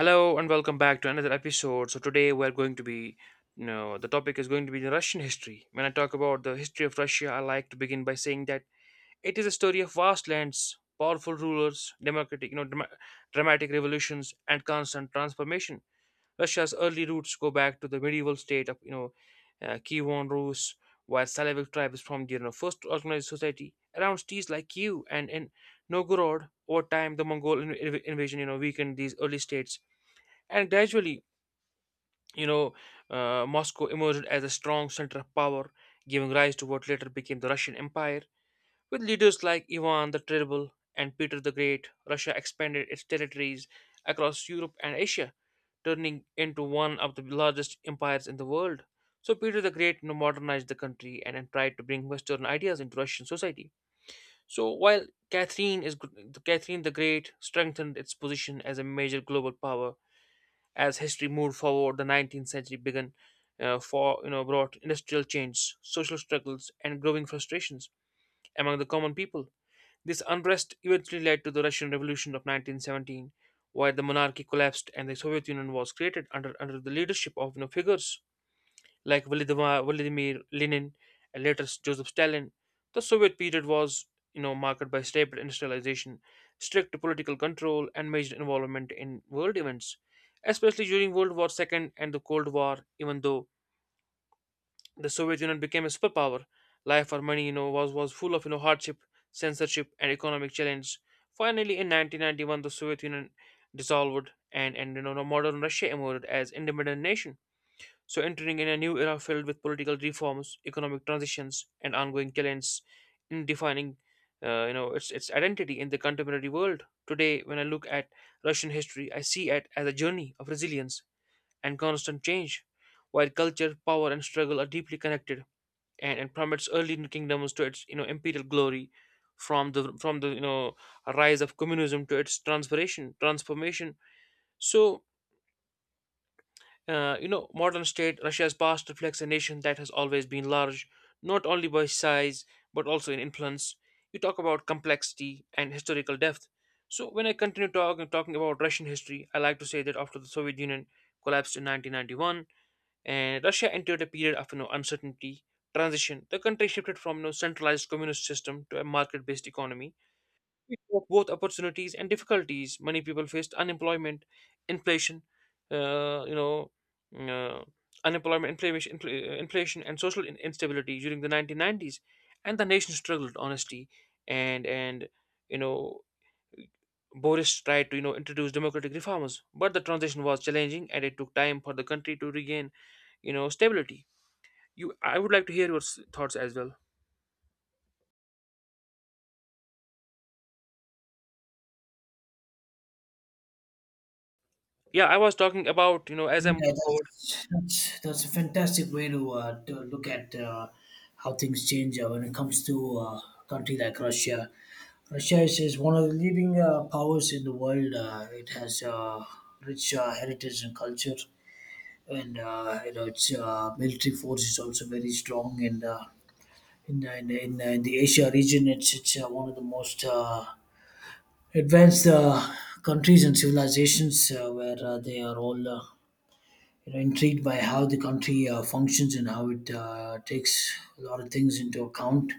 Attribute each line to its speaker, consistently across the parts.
Speaker 1: Hello and welcome back to another episode. So today we're going to be, you know, The topic is going to be the Russian history. When I talk about the history of Russia, I like to begin by saying that it is a story of vast lands, powerful rulers, democratic, dramatic revolutions, and constant transformation. Russia's early roots go back to the medieval state of, you know, Kievan Rus, while Slavic tribes formed, first organized society around cities like Kiev and in Novgorod. Over time, the Mongol invasion weakened these early states, and gradually, you know, Moscow emerged as a strong center of power, giving rise to what later became the Russian Empire. With leaders like Ivan the Terrible and Peter the Great, Russia expanded its territories across Europe and Asia, turning into one of the largest empires in the world. So Peter the Great modernized the country and tried to bring Western ideas into Russian society. So while Catherine is Catherine the Great strengthened its position as a major global power. As history moved forward, the 19th century began, for you know brought industrial change, social struggles, and growing frustrations among the common people. This unrest eventually led to the Russian revolution of 1917, where the monarchy collapsed and the Soviet Union was created under the leadership of, figures like Volodymyr Lenin and later Joseph Stalin. The Soviet period was, marked by rapid industrialization, strict political control, and major involvement in world events, especially during World War II and the Cold War. Even though the Soviet Union became a superpower, life for money, was full of hardship, censorship, and economic challenge. Finally, in 1991, the Soviet Union dissolved, and modern Russia emerged as independent nation. So, entering in a new era filled with political reforms, economic transitions, and ongoing challenges in defining its identity in the contemporary world. Today, when I look at Russian history, I see it as a journey of resilience and constant change, while culture, power, and struggle are deeply connected, and from its early kingdoms to its imperial glory, from the rise of communism to its transformation. So modern state Russia's past reflects a nation that has always been large, not only by size but also in influence. You talk about complexity and historical depth. So when I continue talking about Russian history, I like to say that after the Soviet Union collapsed in 1991, and Russia entered a period of uncertainty transition. The country shifted from centralized communist system to a market-based economy of both opportunities and difficulties. Many people faced unemployment, inflation, uh, you know, uh, unemployment, inflation, and social instability during the 1990s, and the nation struggled honestly. And and you know, Boris tried to introduce democratic reforms, but the transition was challenging, and it took time for the country to regain stability. I would like to hear your thoughts as well. Yeah, I was talking about, as I move
Speaker 2: Yeah,
Speaker 1: forward,
Speaker 2: that's a fantastic way to look at how things change when it comes to a country like Russia. Russia is one of the leading powers in the world. It has rich heritage and culture, and its military force is also very strong. And in the Asia region, it's one of the most advanced countries and civilizations, where they are all. Intrigued by how the country functions, and how it takes a lot of things into account.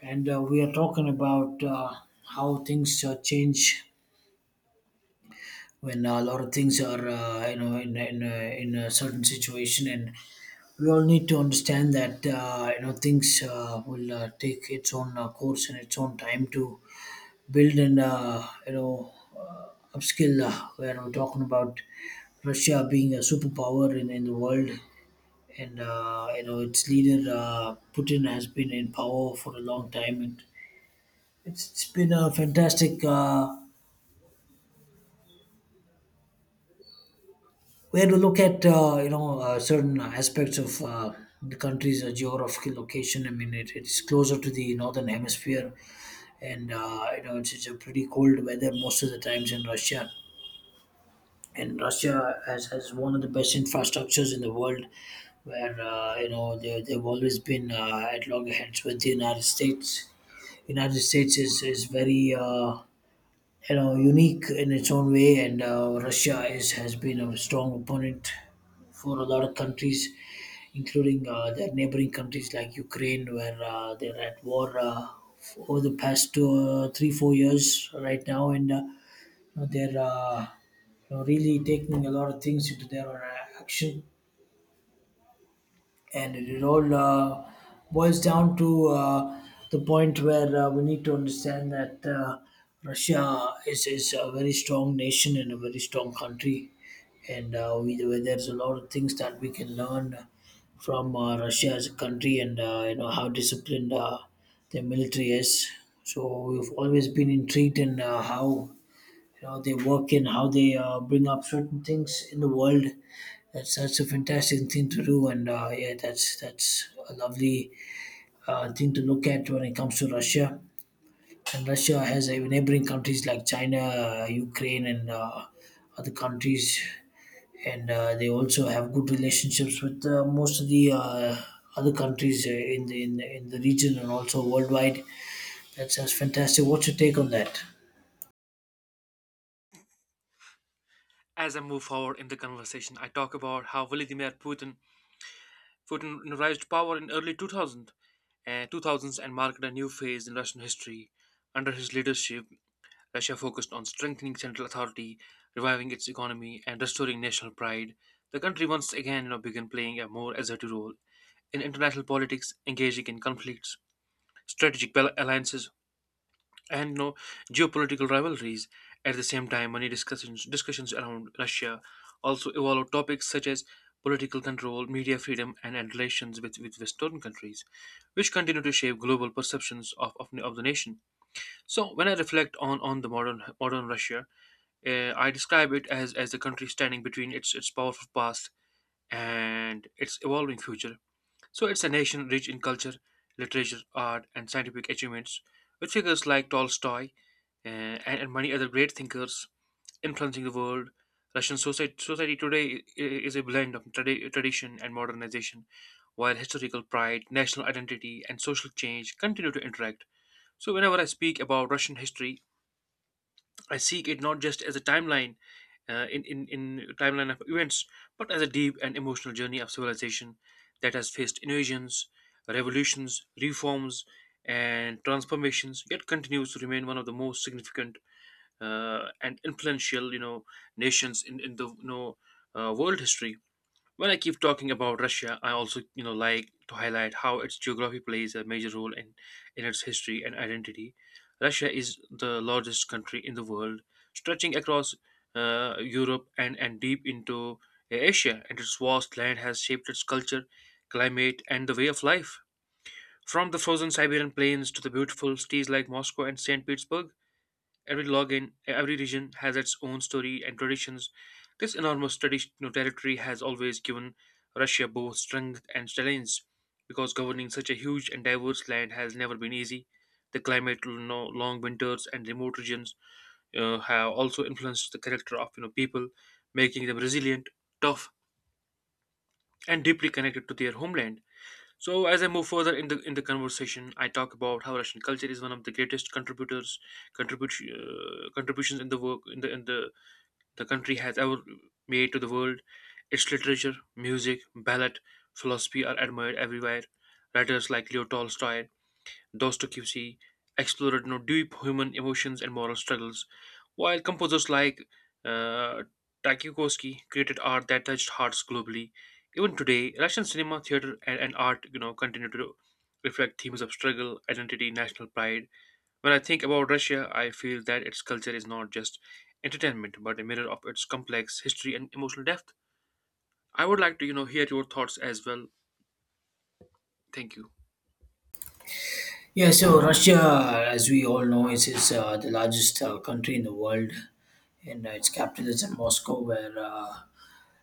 Speaker 2: And we are talking about how things change when a lot of things are in a certain situation, and we all need to understand that things will take its own course and its own time to build and uh, upskill. Where we're talking about Russia being a superpower in the world, and its leader Putin has been in power for a long time, and it's been a fantastic way to look at certain aspects of the country's geographical location. I mean, it's closer to the northern hemisphere, and it's a pretty cold weather most of the times in Russia. And Russia has one of the best infrastructures in the world, where they've always been at loggerheads with the United States. United States is very unique in its own way, and Russia is has been a strong opponent for a lot of countries, including their neighboring countries like Ukraine, where they're at war over the past 3-4 years right now, and they're really taking a lot of things into their action, and it all boils down to the point where we need to understand that Russia is a very strong nation and a very strong country, and where there's a lot of things that we can learn from Russia as a country, and how disciplined their military is. So we've always been intrigued in how they work and how they bring up certain things in the world. That's a fantastic thing to do, and yeah, that's a lovely thing to look at when it comes to Russia. And Russia has neighboring countries like China, Ukraine, and other countries, and they also have good relationships with most of the other countries in the region, and also worldwide. That's fantastic. What's your take on that?
Speaker 1: as I move forward in the conversation. I talk about how Vladimir Putin arrived to power in early 2000 and 2000s, and marked a new phase in Russian history. Under his leadership, Russia focused on strengthening central authority, reviving its economy, and restoring national pride. The country once again, began playing a more assertive role in international politics, engaging in conflicts, strategic alliances, and no geopolitical rivalries. At the same time, many discussions around Russia also evolve topics such as political control, media freedom, and relations with, Western countries, which continue to shape global perceptions of, of the nation. So, when I reflect on the modern Russia, I describe it as, a country standing between its, powerful past and its evolving future. So it's a nation rich in culture, literature, art, and scientific achievements, with figures like Tolstoy and, many other great thinkers influencing the world. Russian society today is a blend of tradition and modernization, while historical pride, national identity, and social change continue to interact. So, whenever I speak about Russian history, I seek it not just as a timeline, in timeline of events, but as a deep and emotional journey of civilization that has faced invasions, revolutions, reforms, and transformations, yet continues to remain one of the most significant and influential, nations in, in world history. When I keep talking about Russia, I also, like to highlight how its geography plays a major role in its history and identity. Russia is the largest country in the world, stretching across Europe and, deep into Asia, and its vast land has shaped its culture, climate, and the way of life. From the frozen Siberian plains to the beautiful cities like Moscow and St. Petersburg. Every login, every region has its own story and traditions. This enormous traditional territory has always given Russia both strength and challenge because governing such a huge and diverse land has never been easy. The climate, long winters, and remote regions have also influenced the character of people, making them resilient, tough, and deeply connected to their homeland. So as I move further in the conversation, I talk about how Russian culture is one of the greatest contributors contribution contributions in the work in the country has ever made to the world. Its literature, music, ballet, philosophy are admired everywhere. Writers like Leo Tolstoy, Dostoevsky explored deep human emotions and moral struggles, while composers like uh, Tchaikovsky created art that touched hearts globally. Even today, Russian cinema, theater, and, art, continue to reflect themes of struggle, identity, national pride. When I think about Russia, I feel that its culture is not just entertainment, but a mirror of its complex history and emotional depth. I would like to, hear your thoughts as well. Thank you.
Speaker 2: Yeah, so Russia, as we all know, is the largest country in the world, and its capital is in Moscow, where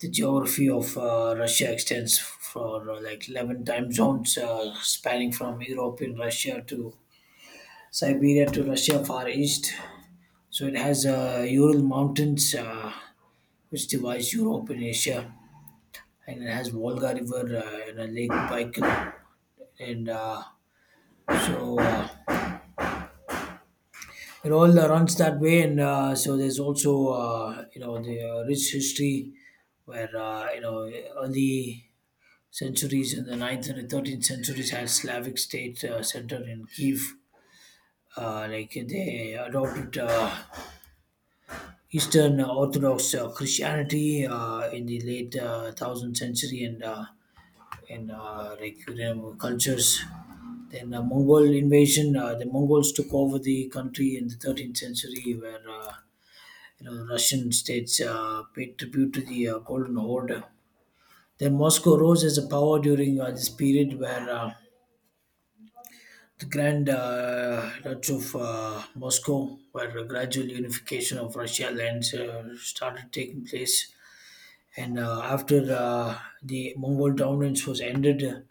Speaker 2: the geography of Russia extends for like 11 time zones, spanning from European Russia to Siberia to Russia, Far East. So it has Ural Mountains, which divides Europe and Asia, and it has Volga River and a lake Baikal, and so. It all runs that way, and so there's also the rich history, where early centuries in the ninth and the 13th centuries had Slavic state, center in Kiev, like they adopted Eastern Orthodox Christianity in the late 1000th century, and like, cultures. Then the Mongol invasion, the Mongols took over the country in the 13th century, where Russian states paid tribute to the Golden Horde. Then Moscow rose as a power during this period, where the Grand Duchy of Moscow, where a gradual unification of Russia lands started taking place. And after the Mongol dominance was ended,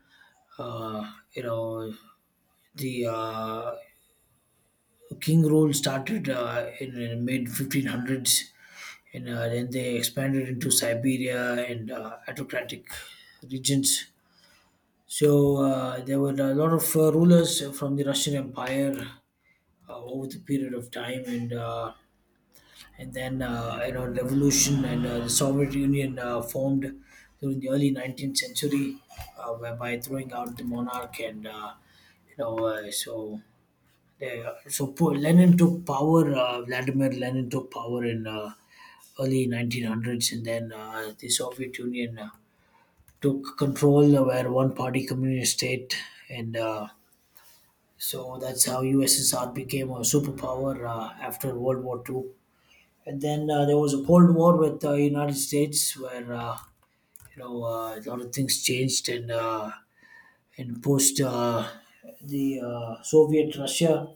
Speaker 2: uh, you know, the king rule started in mid 1500s, and then they expanded into Siberia and Atlantic regions. So there were a lot of rulers from the Russian Empire over the period of time, and then revolution, and the Soviet Union formed during the early 19th century, whereby throwing out the monarch, and so. They, so Lenin took power. Vladimir Lenin took power in early 1900s, and then the Soviet Union took control, where one party communist state, and so that's how USSR became a superpower after World War II. And then there was a Cold War with the United States, where a lot of things changed, and post the Soviet Russia,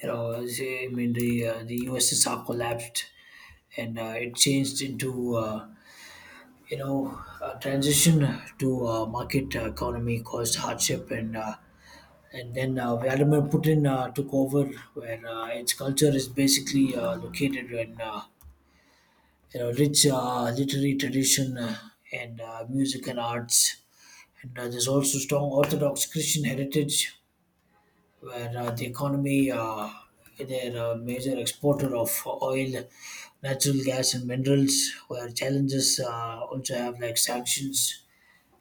Speaker 2: I mean, the USSR collapsed, and it changed into transition to market economy caused hardship, and then Vladimir Putin took over, where its culture is basically located in rich literary tradition, and music and arts, and there's also strong Orthodox Christian heritage, where the economy they're a major exporter of oil, natural gas, and minerals. Where challenges also have like sanctions,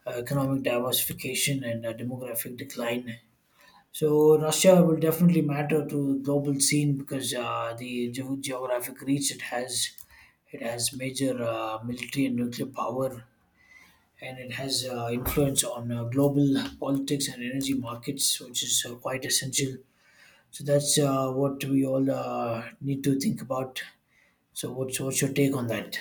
Speaker 2: economic diversification, and demographic decline. So Russia will definitely matter to the global scene because the geographic reach it has major military and nuclear power, and it has influence on global politics and energy markets, which is quite essential. So that's what we all need to think about. So what's your take on that?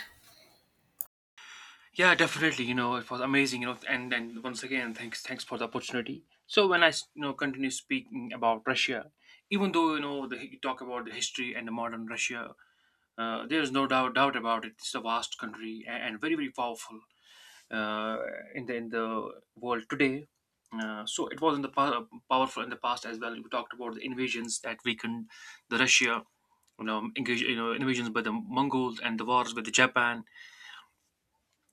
Speaker 1: Yeah, definitely. You know, it was amazing. You know, and Once again, thanks for the opportunity. So when I continue speaking about Russia, even though the, you talk about the history and the modern Russia, there is no doubt about it. It's a vast country and very powerful uh, in the world today. So it was in the powerful in the past as well. We talked about the invasions that weakened the Russia. Invasions by the Mongols and the wars with the Japan.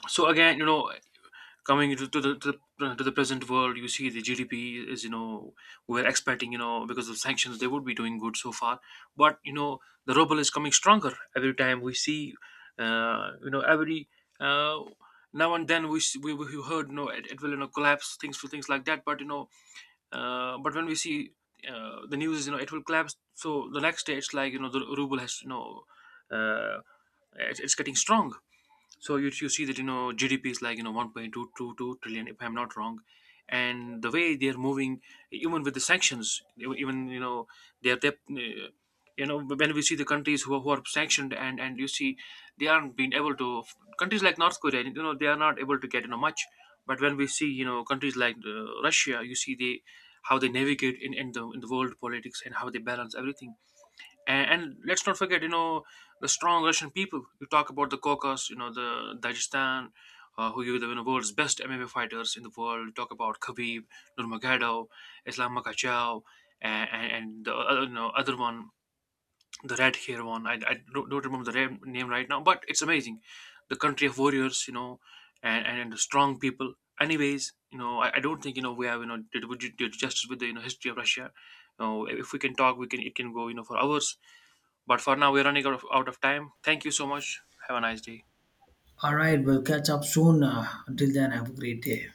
Speaker 1: So again, coming into to the, to the to the present world, you see the GDP is, we're expecting, because of sanctions they would be doing good so far. But the ruble is coming stronger. Every time we see, every uh, now and then, we heard, it, it will, collapse, things like that. But but when we see, the news, it will collapse, so the next day it's like, the ruble has, uh, it's getting strong. So you see that, GDP is like, 1.222 trillion if I'm not wrong, and the way they're moving, even with the sanctions, even they're they you know when we see the countries who are sanctioned, and you see they aren't being able to. Countries like North Korea, they are not able to get, much. But when we see, countries like Russia, you see they, how they navigate in the world politics, and how they balance everything. And, let's not forget, the strong Russian people. You talk about the Caucasus, the Dagestan, who you the you know, world's best MMA fighters in the world. You talk about Khabib Nurmagomedov, Islam Makhachev, and, and the other, other one, the red hair one. I don't, remember the name right now, but it's amazing. The country of warriors, and, and the strong people. Anyways, I don't think, we have, did justice with the history of Russia. If we can talk, we can, it can go, for hours. But for now, we're running out of time. Thank you so much. Have a nice day.
Speaker 2: All right, we'll catch up soon. Until then, have a great day.